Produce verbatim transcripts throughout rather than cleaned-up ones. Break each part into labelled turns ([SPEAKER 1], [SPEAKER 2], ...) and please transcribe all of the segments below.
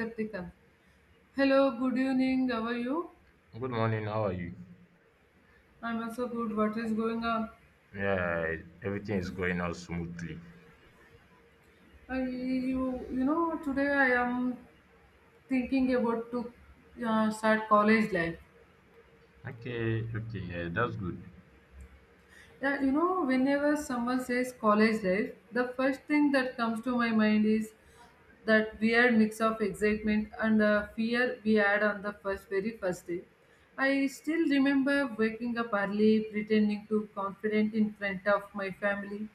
[SPEAKER 1] Kartika. Hello, good evening. How are you?
[SPEAKER 2] Good morning, how are you?
[SPEAKER 1] I'm also good. What is going on?
[SPEAKER 2] Yeah, everything is going on smoothly.
[SPEAKER 1] I, you, you know, Today I am thinking about to uh, start college life.
[SPEAKER 2] Okay, okay, yeah, that's good.
[SPEAKER 1] Yeah, you know, whenever someone says college life, the first thing that comes to my mind is that weird mix of excitement and uh, fear we had on the first very first day. I still remember waking up early, pretending to confident in front of my family,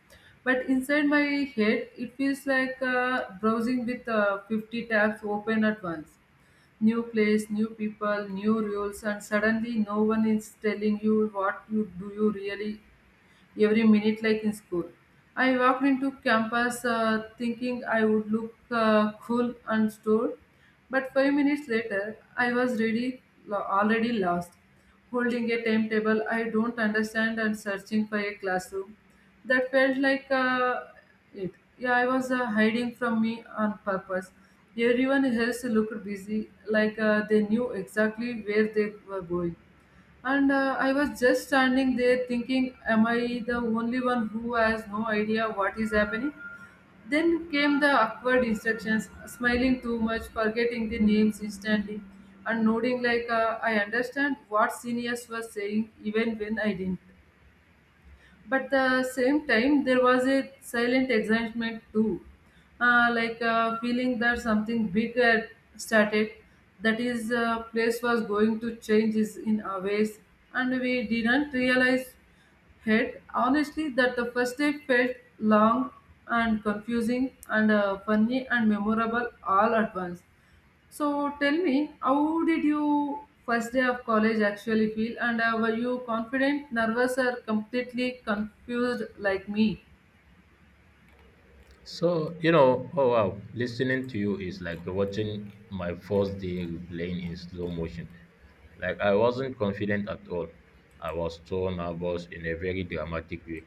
[SPEAKER 1] but inside my head it feels like uh, browsing with uh, fifty tabs open at once. New place, new people, new rules, and suddenly no one is telling you what you do you really every minute like in school. I walked into campus uh, thinking I would look uh, cool and stored, but five minutes later, I was really lo- already lost, holding a timetable I don't understand and searching for a classroom. That felt like uh, it. Yeah, I was uh, hiding from me on purpose. Everyone else looked busy, like uh, they knew exactly where they were going. And uh, I was just standing there thinking, am I the only one who has no idea what is happening? Then came the awkward instructions, smiling too much, forgetting the names instantly, and nodding like uh, I understand what seniors were saying even when I didn't. But the same time there was a silent excitement too, uh, like uh, feeling that something big had started, that is uh, place was going to change is in our ways, and we didn't realize it. Honestly, that the first day felt long and confusing and uh, funny and memorable all at once. So tell me, how did you first day of college actually feel? And uh, were you confident, nervous, or completely confused like me?
[SPEAKER 2] So, you know, oh wow, listening to you is like watching my first day playing in slow motion. Like, I wasn't confident at all. I was so nervous in a very dramatic way.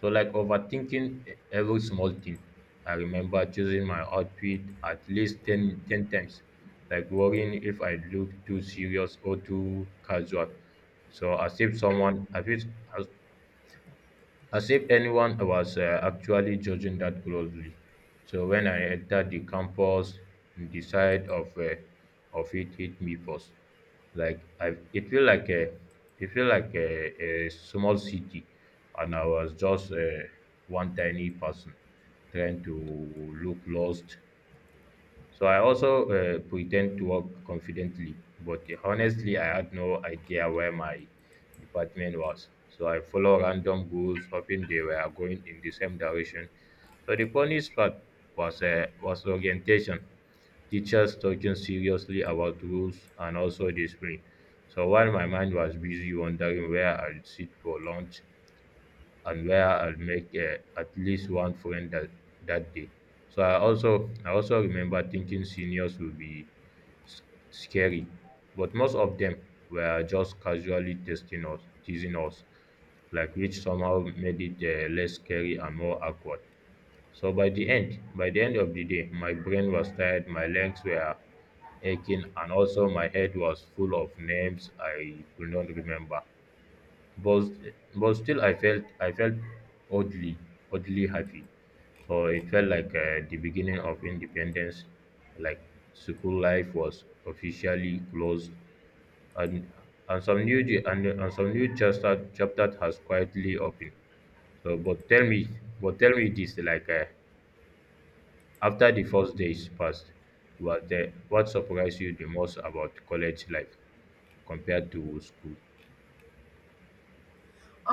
[SPEAKER 2] So, like, overthinking e- every small thing. I remember choosing my outfit at least ten ten times, like worrying if I look too serious or too casual. So, as if someone, I feel, as if anyone was uh, actually judging that closely. So when I entered the campus, the side of uh, of it hit me first. Like I, it feel like a, it feel like a, a small city, and I was just uh, one tiny person trying to look lost. So I also uh, pretend to work confidently, but honestly, I had no idea where my department was. So I follow random goals, hoping they were going in the same direction. So the funniest part was uh, was orientation teachers talking seriously about rules and also discipline. So while my mind was busy wondering where I'd sit for lunch, and where I'll make uh, at least one friend that, that day. So I also I also remember thinking seniors would be s- scary, but most of them were just casually testing us, teasing us, like which somehow made it uh, less scary and more awkward. So by the end, by the end of the day, my brain was tired, my legs were aching, and also my head was full of names I could not remember, but but still I felt I felt oddly oddly happy. So it felt like uh, the beginning of independence, like school life was officially closed, and and some new j- and, and some new chapter chapter has quietly opened. So but tell me but tell me this, like uh, after the first days passed, what the, what surprised you the most about college life compared to school?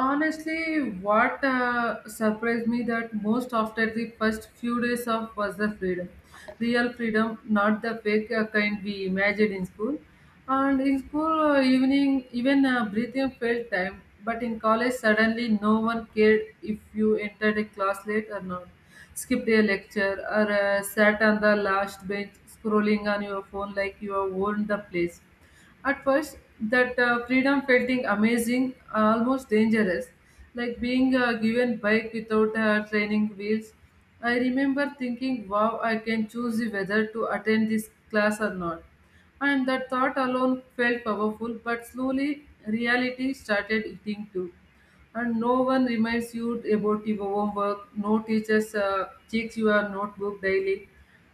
[SPEAKER 1] Honestly, what uh, surprised me that most after the first few days of was the freedom, real freedom, not the fake uh, kind we imagined in school. And in school uh, evening, even uh, breathing felt time. But in college, suddenly no one cared if you entered a class late or not, skipped a lecture, or uh, sat on the last bench scrolling on your phone like you owned the place. At first, that uh, freedom felt in amazing, almost dangerous, like being uh, given bike without uh, training wheels. I remember thinking, wow, I can choose whether to attend this class or not. And that thought alone felt powerful, but slowly reality started eating too, and no one reminds you about your homework, no teachers uh, checks your notebook daily,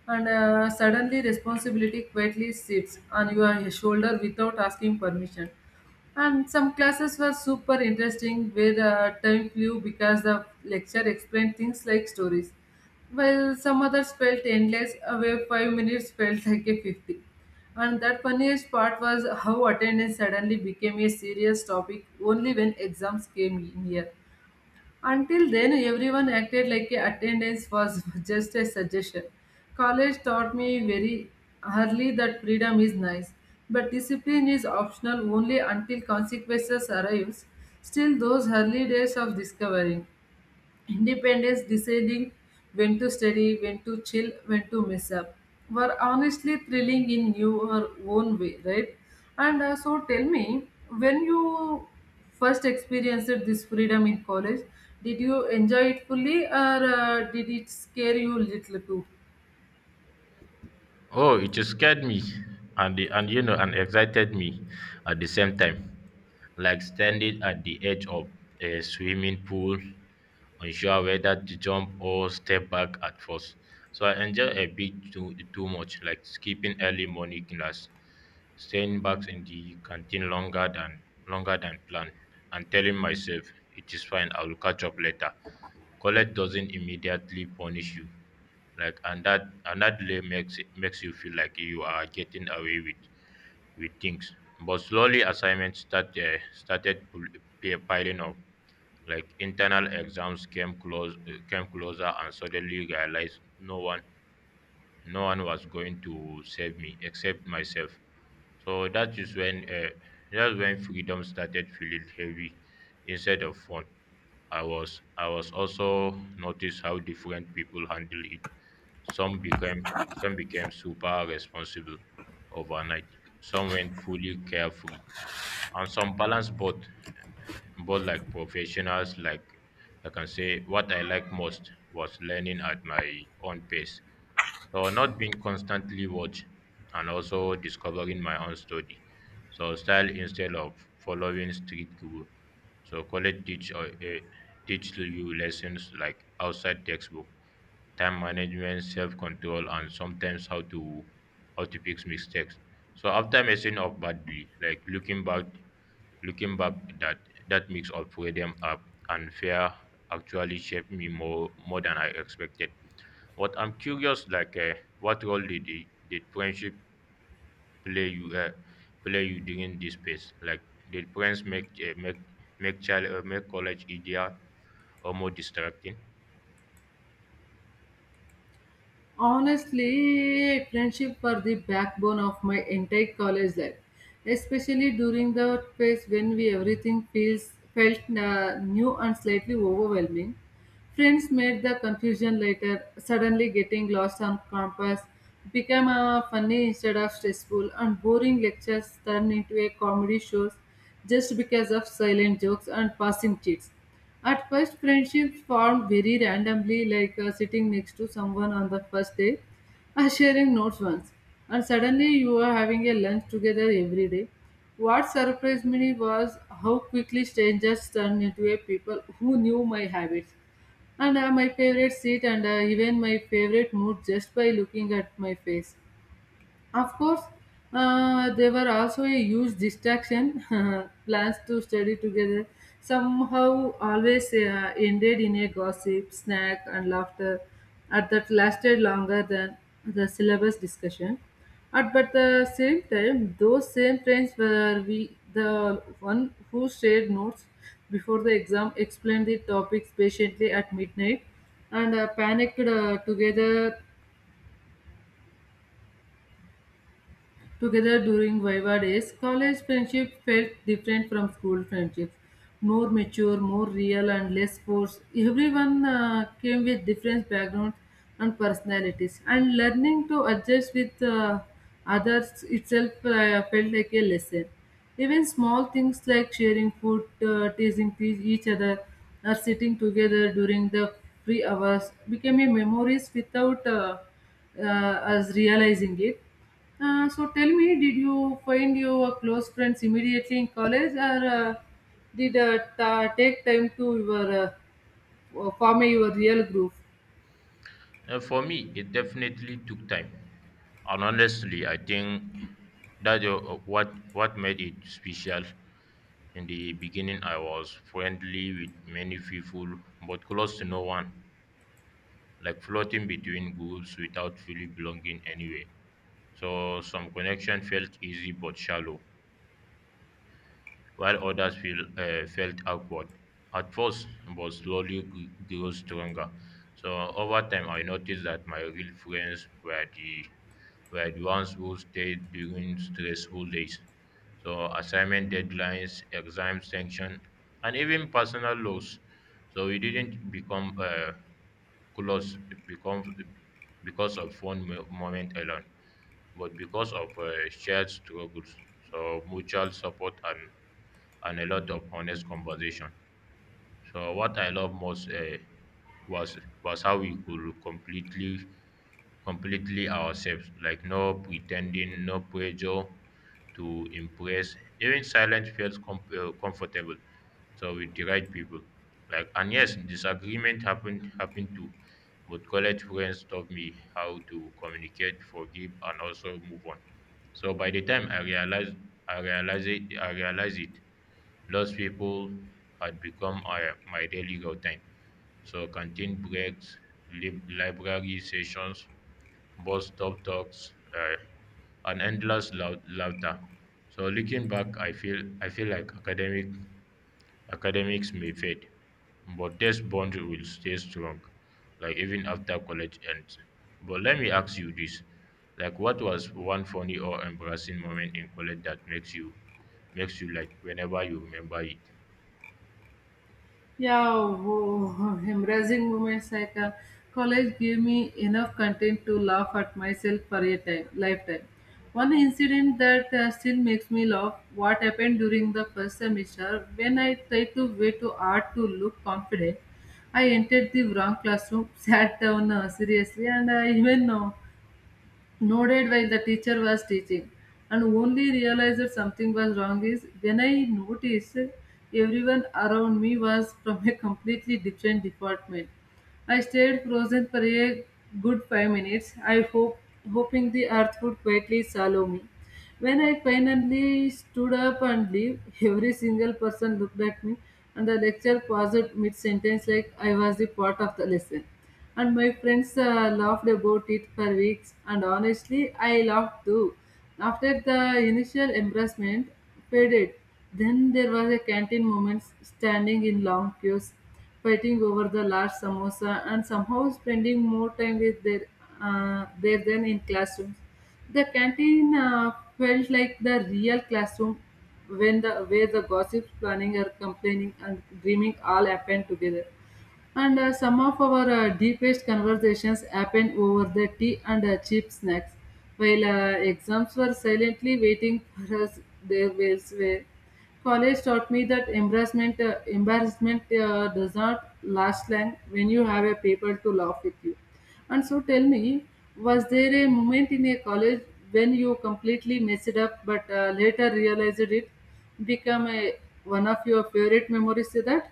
[SPEAKER 1] and uh, suddenly responsibility quietly sits on your shoulder without asking permission. And some classes were super interesting where uh, time flew because the lecture explained things like stories, while some others felt endless, away five minutes felt like a fifty. And that funniest part was how attendance suddenly became a serious topic only when exams came near. Until then, everyone acted like a attendance was just a suggestion. College taught me very early that freedom is nice, but discipline is optional only until consequences arrives. Still, those early days of discovering Independence, deciding when to study, when to chill, when to mess up, were honestly thrilling in your own way, right? And uh, so tell me, when you first experienced this freedom in college, did you enjoy it fully, or uh, did it scare you little too?
[SPEAKER 2] Oh, it just scared me and the, and, you know, and excited me at the same time. Like standing at the edge of a swimming pool, unsure whether to jump or step back at first. So I enjoy a bit too too much, like skipping early morning class, staying back in the canteen longer than longer than planned, and telling myself it is fine, I will catch up later. College doesn't immediately punish you, like and that and that delay makes it makes you feel like you are getting away with with things. But slowly assignments start uh, started pul- pi- piling up, like internal exams came close uh, came closer and suddenly realized no one no one was going to save me except myself. So that is when uh, that's when freedom started feeling heavy instead of fun. I was I was also noticed how different people handle it. Some became some became super responsible overnight. Some went fully carefree, and some balanced both both like professionals. Like, I can say what I like most was learning at my own pace, so not being constantly watched, and also discovering my own story, so style, instead of following strict rule. So college teach or uh, eh, teach you lessons like outside textbook: time management, self-control, and sometimes how to how to fix mistakes. So after messing up badly, like looking back looking back, that that mix of freedom up and fear actually shaped me more more than I expected. But I'm curious, like, uh, what role did the, did friendship play you uh, play you during this phase? Like, did friends make uh, make make child uh, make college easier or more distracting?
[SPEAKER 1] Honestly, friendship were the backbone of my entire college life, especially during the phase when we everything feels felt uh, new and slightly overwhelming. Friends made the confusion later, suddenly getting lost on campus became a funny instead of stressful, and boring lectures turned into a comedy shows just because of silent jokes and passing cheats. At first, friendships formed very randomly, like uh, sitting next to someone on the first day or sharing notes once, and suddenly you are having a lunch together every day. What surprised me was how quickly strangers turned into a people who knew my habits and uh, my favorite seat and uh, even my favorite mood just by looking at my face. Of course, uh, they were also a huge distraction. Plans to study together somehow always uh, ended in a gossip, snack, and laughter at that lasted longer than the syllabus discussion. At but the same time, those same friends were we the one who shared notes before the exam, explained the topics patiently at midnight, and uh, panicked uh, together Together during Viva days. College friendship felt different from school friendships. More mature, more real, and less forced. Everyone uh, came with different backgrounds and personalities, and learning to adjust with uh, others itself uh, felt like a lesson. Even small things like sharing food, uh, teasing te- each other, or sitting together during the free hours became a memories without uh, uh, us realizing it. Uh, so tell me, did you find your close friends immediately in college, or uh, did uh, ta- take time to your, uh, form your real group?
[SPEAKER 2] Uh, for me, it definitely took time, and honestly, I think that uh, uh, what what made it special. In the beginning, I was friendly with many people, but close to no one, like floating between groups without fully belonging anywhere. So some connection felt easy but shallow, while others feel, uh, felt awkward at first, but slowly g- grew stronger. So over time, I noticed that my real friends were the were the ones who stayed during stressful days, so assignment deadlines, exam sanction, and even personal loss. So we didn't become uh, close become because of one mo- moment alone, but because of uh, shared struggles, so mutual support and and a lot of honest conversation. So what I love most uh, was was how we could completely completely ourselves, like no pretending, no pressure to impress. Even silence felt com- uh, comfortable. So with the right people, like, and yes, disagreement happened happened too, but college friends taught me how to communicate, forgive, and also move on. So by the time I realized, I realized it, I realized it, those people had become our, my daily routine. So canteen breaks, lib- library sessions, bus stop talks, uh, and endless lou- laughter. So looking back, I feel I feel like academic academics may fade, but this bond will stay strong, like even after college ends. But let me ask you this: like, what was one funny or embarrassing moment in college that makes you makes you like whenever you remember it?
[SPEAKER 1] Yeah, wo- embarrassing moments like uh, college gave me enough content to laugh at myself for a time, lifetime. One incident that uh, still makes me laugh, what happened during the first semester when I tried to wear too hard to look confident. I entered the wrong classroom, sat down uh, seriously, and I even know nodded while the teacher was teaching, and only realized something was wrong is when I noticed everyone around me was from a completely different department. I stayed frozen for a good five minutes, I hope, hoping the earth would quietly swallow me. When I finally stood up and left, every single person looked at me, and the lecture paused mid sentence like I was the part of the lesson. And my friends uh, laughed about it for weeks, and honestly, I laughed too. After the initial embarrassment faded, then there was a canteen moment standing in long queues fighting over the last samosa, and somehow spending more time with their uh, there than in classrooms. The canteen uh, felt like the real classroom when the where the gossips, planning or complaining and dreaming all happened together. And uh, some of our uh, deepest conversations happened over the tea and uh, cheap snacks, while uh, exams were silently waiting for us their ways way. College taught me that embarrassment, uh, embarrassment uh, does not last long when you have a paper to laugh with you. And so tell me, was there a moment in a college when you completely messed up but uh, later realized it become a, one of your favorite memories to that?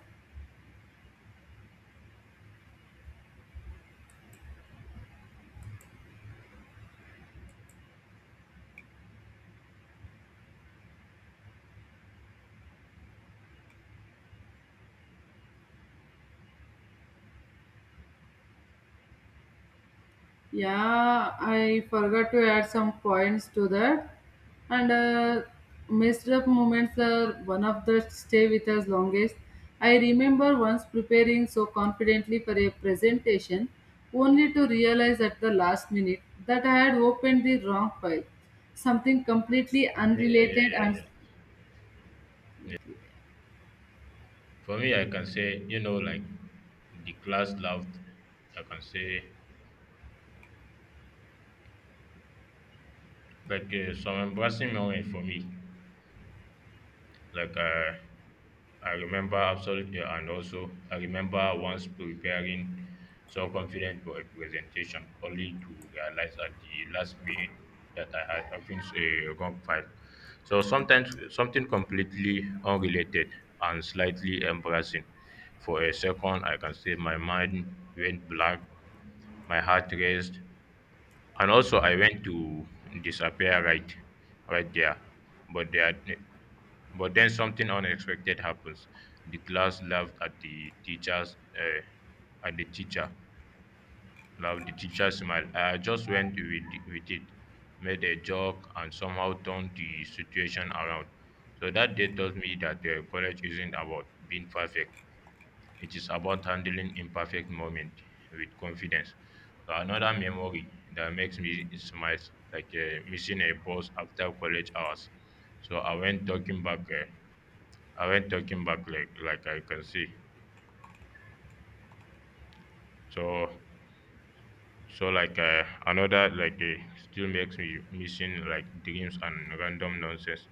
[SPEAKER 1] Yeah, I forgot to add some points to that. And uh, messed up moments are one of the stay with us longest. I remember once preparing so confidently for a presentation, only to realize at the last minute that I had opened the wrong file, something completely
[SPEAKER 2] Yeah, yeah, yeah,
[SPEAKER 1] unrelated
[SPEAKER 2] yeah,
[SPEAKER 1] and
[SPEAKER 2] yeah. For me, I can say, you know, like the class laughed. I can say, like, uh, some embarrassing moment for me. Like, uh, I remember absolutely, and also I remember once preparing so confident for a presentation, only to realize at the last minute that I had opened a wrong file. So sometimes something completely unrelated and slightly embarrassing. For a second, I can say my mind went blank, my heart raced, and also I went to disappear right, right there. But there, but then something unexpected happens. The class laughed at the teacher's uh, at the teacher. Laughed the teacher smiled. I just went with, with it, made a joke, and somehow turned the situation around. So that day taught me that uh, college isn't about being perfect. It is about handling imperfect moment with confidence. So another memory that makes me smile, like uh, missing a bus after college hours. So I went talking back. Uh, I went talking back like like I can see. So so like uh, another like uh, still makes me missing like dreams and random nonsense.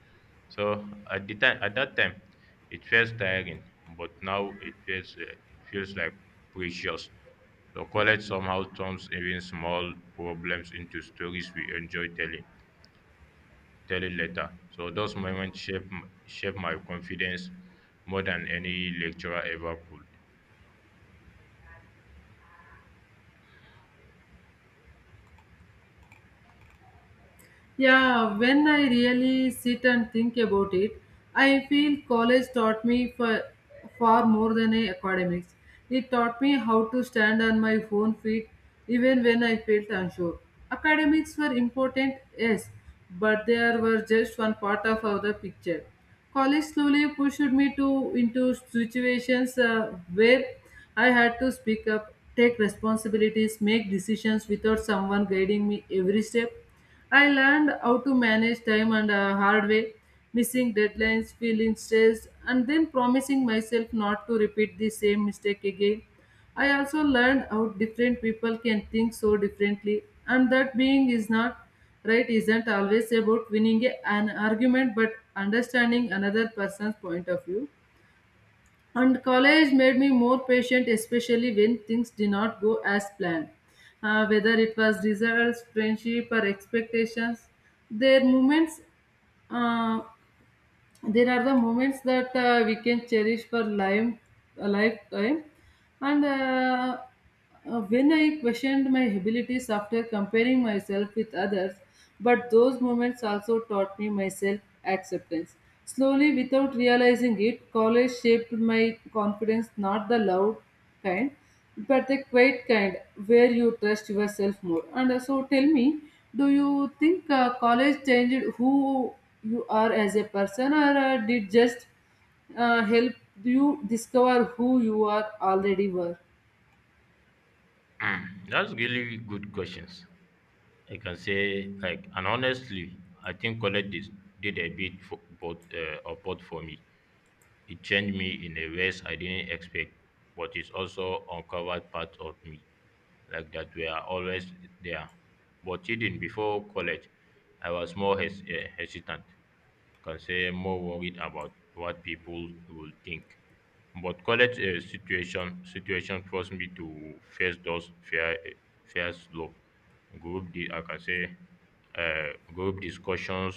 [SPEAKER 2] So at the time at that time, it feels tiring, but now it feels uh, it feels like precious. So college somehow turns even small problems into stories we enjoy telling telling later. So those moments shape m- shape my confidence more than any lecturer ever could.
[SPEAKER 1] Yeah, when I really sit and think about it, I feel college taught me for far more than a academics. It taught me how to stand on my own feet even when I felt unsure. Academics were important, yes, but they were just one part of the picture. College slowly pushed me to into situations uh, where I had to speak up, take responsibilities, make decisions without someone guiding me every step. I learned how to manage time and uh, hard way, missing deadlines, feeling stressed, and then promising myself not to repeat the same mistake again. I also learned how different people can think so differently, and that being is not right isn't always about winning a- an argument but understanding another person's point of view. And college made me more patient, especially when things did not go as planned. Uh, whether it was results, friendship, or expectations, there moments, uh, there are the moments that uh, we can cherish for life, life time, and uh, uh, when I questioned my abilities after comparing myself with others, but those moments also taught me my self acceptance. Slowly, without realizing it, college shaped my confidence, not the loud kind, but the quiet kind where you trust yourself more. And uh, so, tell me, do you think uh, college changed who you are as a person, or uh, did just uh, help you discover who you are already were?
[SPEAKER 2] Mm, that's really good questions. I can say, like, and honestly, I think college did, did a bit for both uh, of both for me. It changed me in a ways I didn't expect, but it also uncovered parts of me like that were always there. But even before college, I was more hes- eh, hesitant, can say more worried about what people would think. But college eh, situation situation forced me to face those fear eh, fears low. Group di I can say uh, group discussions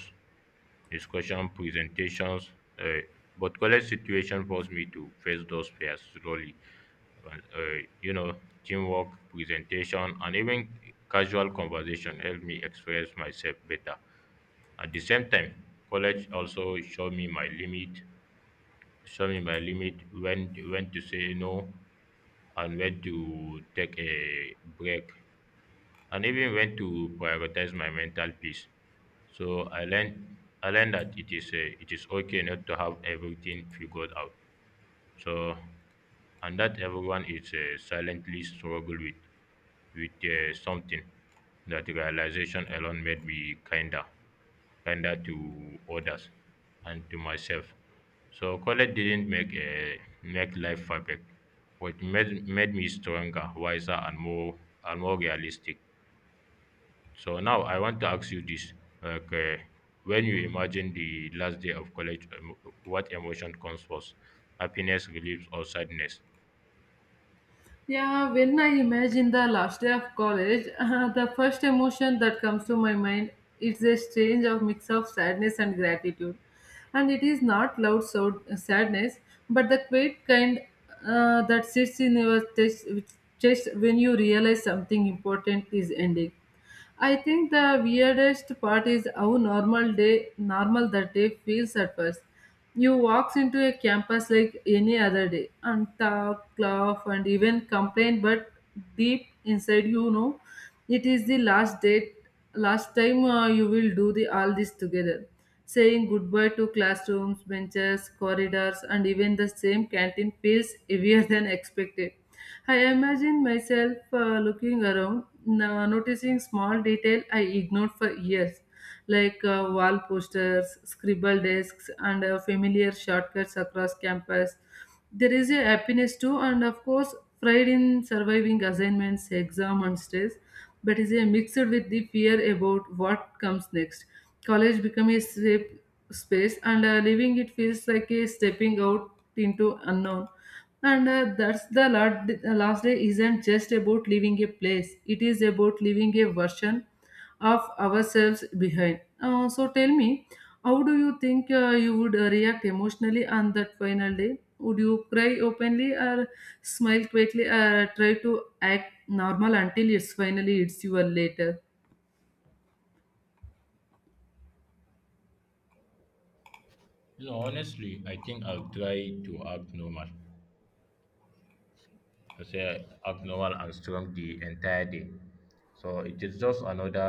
[SPEAKER 2] discussion, presentations. Uh, but college situation forced me to face those fears slowly. Uh, uh, you know, teamwork, presentation, and even casual conversation helped me express myself better. At the same time, college also showed me my limit, showed me my limit, when when to say no, and when to take a break, and even when to prioritize my mental peace. So I learned I learned that it is uh, it is okay not to have everything figured out. So and that everyone is uh, silently struggle with with uh, something. That realization alone made me kinder, kinder to others and to myself. So college didn't make a make life perfect, but made made me stronger, wiser, and more and more realistic. So now I want to ask you this. Okay, when you imagine the last day of college, um, what emotion comes first? Happiness, relief, or sadness?
[SPEAKER 1] Yeah, when I imagine the last day of college, the first emotion that comes to my mind is a strange of mix of sadness and gratitude. And it is not loud so- sadness, but the quiet kind uh, that sits in your chest, chest when you realize something important is ending. I think the weirdest part is how normal day normal that day feels at first. You walks into a campus like any other day and talk, laugh and even complain, but deep inside you know it is the last date last time uh, you will do the all this together. Saying goodbye to classrooms, benches, corridors, and even the same canteen feels heavier than expected. I imagine myself uh, looking around, no- noticing small detail I ignored for years, like uh, wall posters, scribble desks, and uh, familiar shortcuts across campus. There is a happiness too and, of course, pride in surviving assignments exam and stress, but is a mixed with the fear about what comes next. College becomes a safe space and uh, leaving it feels like a stepping out into unknown. And uh, that's the last, the last day isn't just about leaving a place, it is about leaving a version of ourselves behind. Uh, so tell me, how do you think uh, you would uh, react emotionally on that final day? Would you cry openly or smile quietly or try to act normal until it's finally it's your later?
[SPEAKER 2] You know, honestly, I think I'll try to act normal. to say act normal and strong the entire day. So it is just another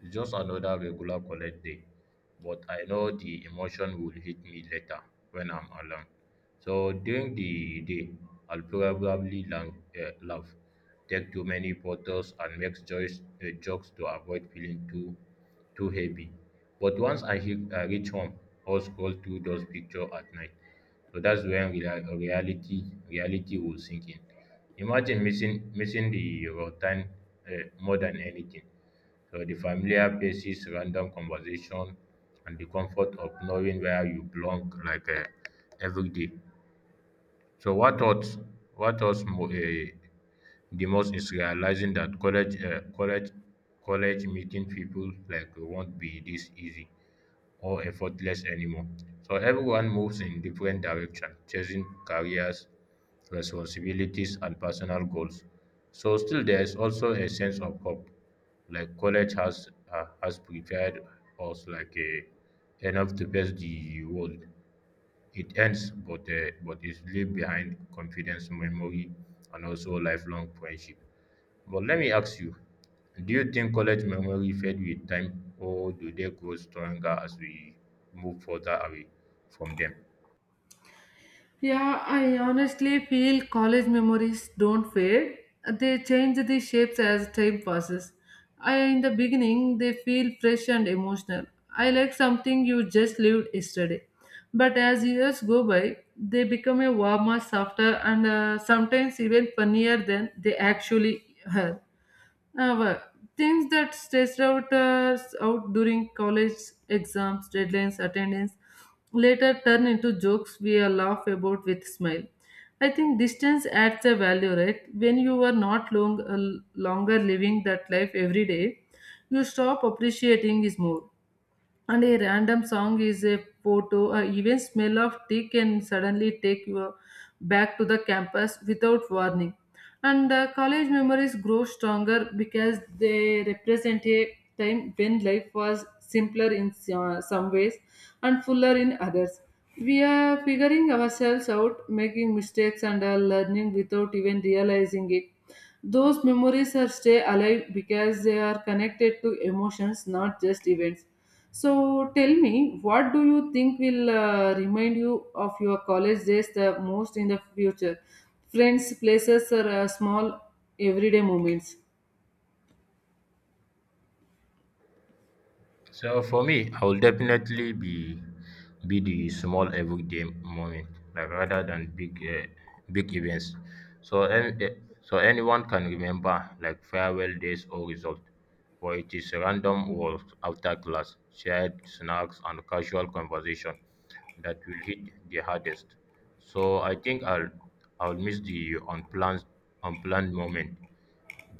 [SPEAKER 2] it's just another regular college day. But I know the emotion will hit me later when I'm alone. So during the day, I'll probably lang- uh, laugh, take too many photos, and make choice, uh, jokes to avoid feeling too too heavy. But once I hit, uh, reach home, I'll scroll through those pictures at night. So that's when rea- reality reality will sink in. Imagine missing missing the routine uh, more than anything. So the familiar faces, random conversation, and the comfort of knowing where you belong, like, uh, every day. So what thoughts? What thoughts? Mo- uh, the most is realizing that college, uh, college, college meeting people like won't be this easy or effortless anymore. So everyone moves in different directions, chasing careers, responsibilities, and personal goals. So still, there is also a sense of hope. Like college has uh, has prepared us like a, enough to face the world. It ends, but uh, but is leave behind confidence, memory, and also lifelong friendship. But let me ask you, do you think college memory fade with time, or do they grow stronger as we move further away from them?
[SPEAKER 1] Yeah, I honestly feel college memories don't fade. They change the shapes as time passes. I, in the beginning, they feel fresh and emotional. I like something you just lived yesterday. But as years go by, they become a warmer, softer, and uh, sometimes even funnier than they actually are. Uh, well, things that stressed out us out during college exams, deadlines, attendance later turn into jokes we are laugh about with smile. I think distance adds a value, right? When you are not long, uh, longer living that life every day, you stop appreciating is more and a random song is a photo or even smell of tea can suddenly take you back to the campus without warning. And uh, college memories grow stronger because they represent a time when life was simpler in uh, some ways and fuller in others. We are figuring ourselves out making mistakes and are learning without even realizing it. Those memories are stay alive because they are connected to emotions, not just events. So tell me, what do you think will uh, remind you of your college days the most in the future? Friends, places, or uh, small everyday moments?
[SPEAKER 2] So for me, I will definitely be be the small everyday moment, like rather than big uh, big events. So an- eh, so anyone can remember like farewell days or result, but it is random walks after class, shared snacks and casual conversation that will hit the hardest. So I think I'll I'll miss the unplanned unplanned moment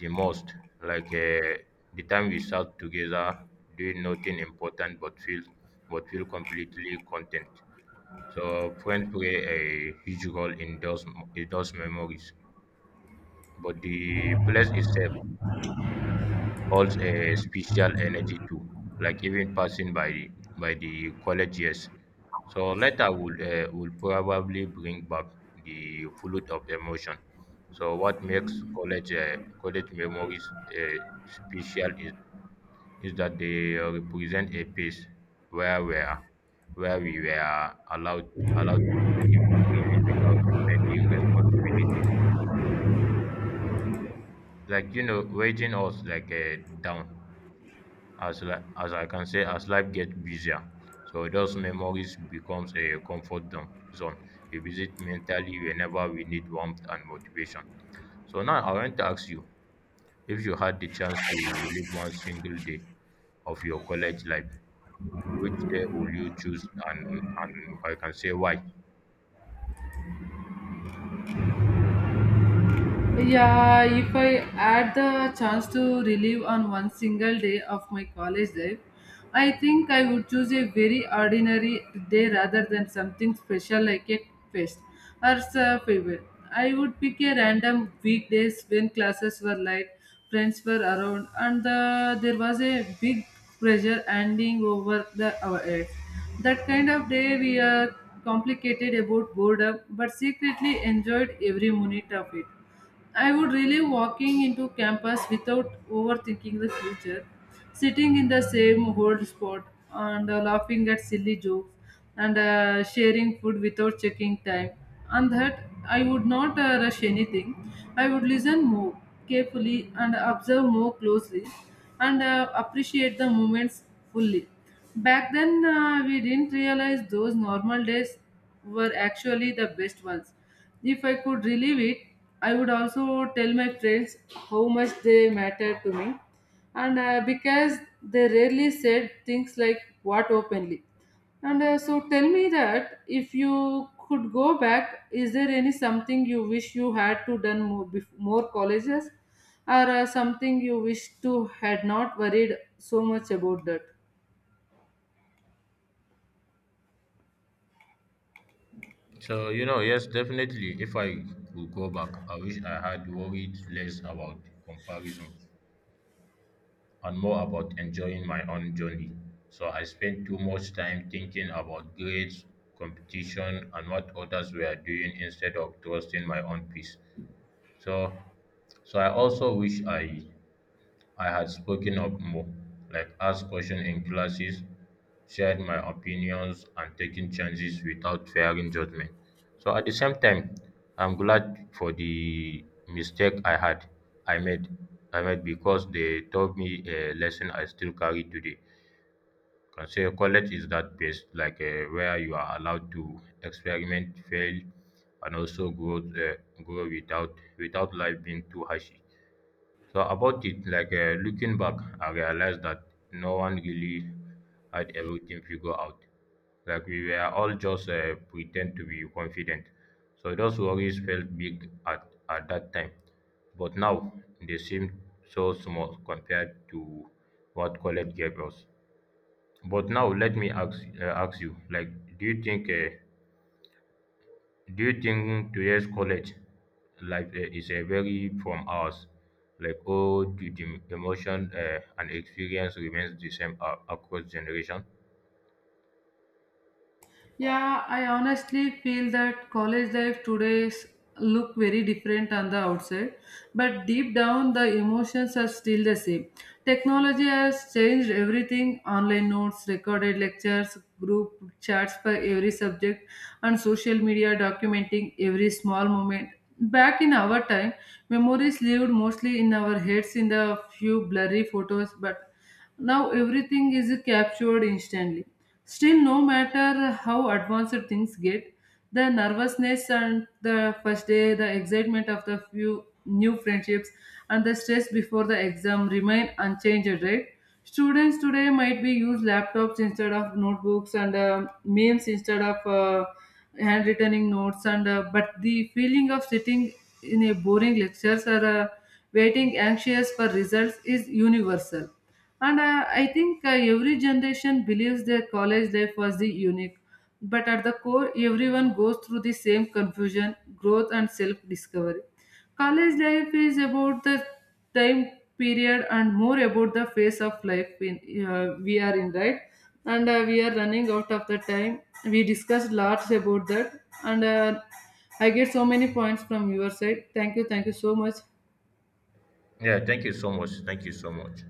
[SPEAKER 2] the most, like, um, the time we sat together doing nothing important but feel but feel completely content. So friends play a huge role in those in those memories, but the place itself holds a special energy too, like even passing by the by the college years. So later will uh, will probably bring back the flood of emotion. So what makes college uh, college memories uh, special is, is that they uh, represent a place where we are, where we were allowed allowed to dream freely without too many responsibilities. Like, you know, weighing us like uh, down. as li- as I can say, as life gets busier, so those memories becomes a comfort dom- zone. We visit mentally whenever we need warmth and motivation. So now I want to ask you, if you had the chance to live one single day of your college life, which day will you choose and and I can say why?
[SPEAKER 1] Yeah, if I had the chance to relive on one single day of my college life, I think I would choose a very ordinary day rather than something special like a fest or a favorite. I would pick a random weekdays when classes were light, friends were around, and uh, there was a big pressure hanging over the our heads. That kind of day we are complicated about boredom, but secretly enjoyed every minute of it. I would really walking into campus without overthinking the future, sitting in the same old spot and uh, laughing at silly jokes and uh, sharing food without checking time. And that I would not uh, rush anything. I would listen more carefully and observe more closely and uh, appreciate the moments fully. Back then, uh, we didn't realize those normal days were actually the best ones. If I could relive it, I would also tell my friends how much they mattered to me. And uh, because they rarely said things like what openly. And uh, so tell me that if you could go back, is there any something you wish you had to done more, bef- more colleges or uh, something you wish to had not worried so much about that?
[SPEAKER 2] So you know, yes, definitely. If I could go back, I wish I had worried less about comparison and more about enjoying my own journey. So I spent too much time thinking about grades, competition, and what others were doing instead of trusting my own peace. So, so I also wish I I had spoken up more, like asked questions in classes, shared my opinions, and taken chances without fearing judgment. So at the same time, I'm glad for the mistake I had, I made, I made, because they taught me a lesson I still carry today. Can say college is that place, like, uh, where you are allowed to experiment, fail, and also grow, uh, grow without without life being too harsh. So about it, like, uh, looking back, I realized that no one really had everything figured out. Like we were all just uh, pretend to be confident. So those worries felt big at, at that time, but now they seem so small compared to what college gave us. But now let me ask uh, ask you, like, do you think uh, do you think today's college life uh, is uh, very from ours? Like, all the the emotion uh, and experience remains the same a- across generation?
[SPEAKER 1] Yeah, I honestly feel that college life today's look very different on the outside, but deep down the emotions are still the same. Technology has changed everything: online notes, recorded lectures, group chats for every subject, and social media documenting every small moment. Back in our time, memories lived mostly in our heads in the few blurry photos, but now everything is captured instantly. Still, no matter how advanced things get, the nervousness and the first day, the excitement of the few new friendships, and the stress before the exam remain unchanged, right? Students today might be use laptops instead of notebooks and uh, memes instead of uh, handwritten notes, and uh, but the feeling of sitting in a boring lectures or uh, waiting anxious for results is universal. And uh, I think uh, every generation believes their college life was the unique. But at the core, everyone goes through the same confusion, growth, and self discovery. College life is about the time period and more about the phase of life in, uh, we are in, right? And uh, we are running out of the time. We discussed lots about that. And uh, I get so many points from your side. Thank you. Thank you so much.
[SPEAKER 2] Yeah, thank you so much. Thank you so much.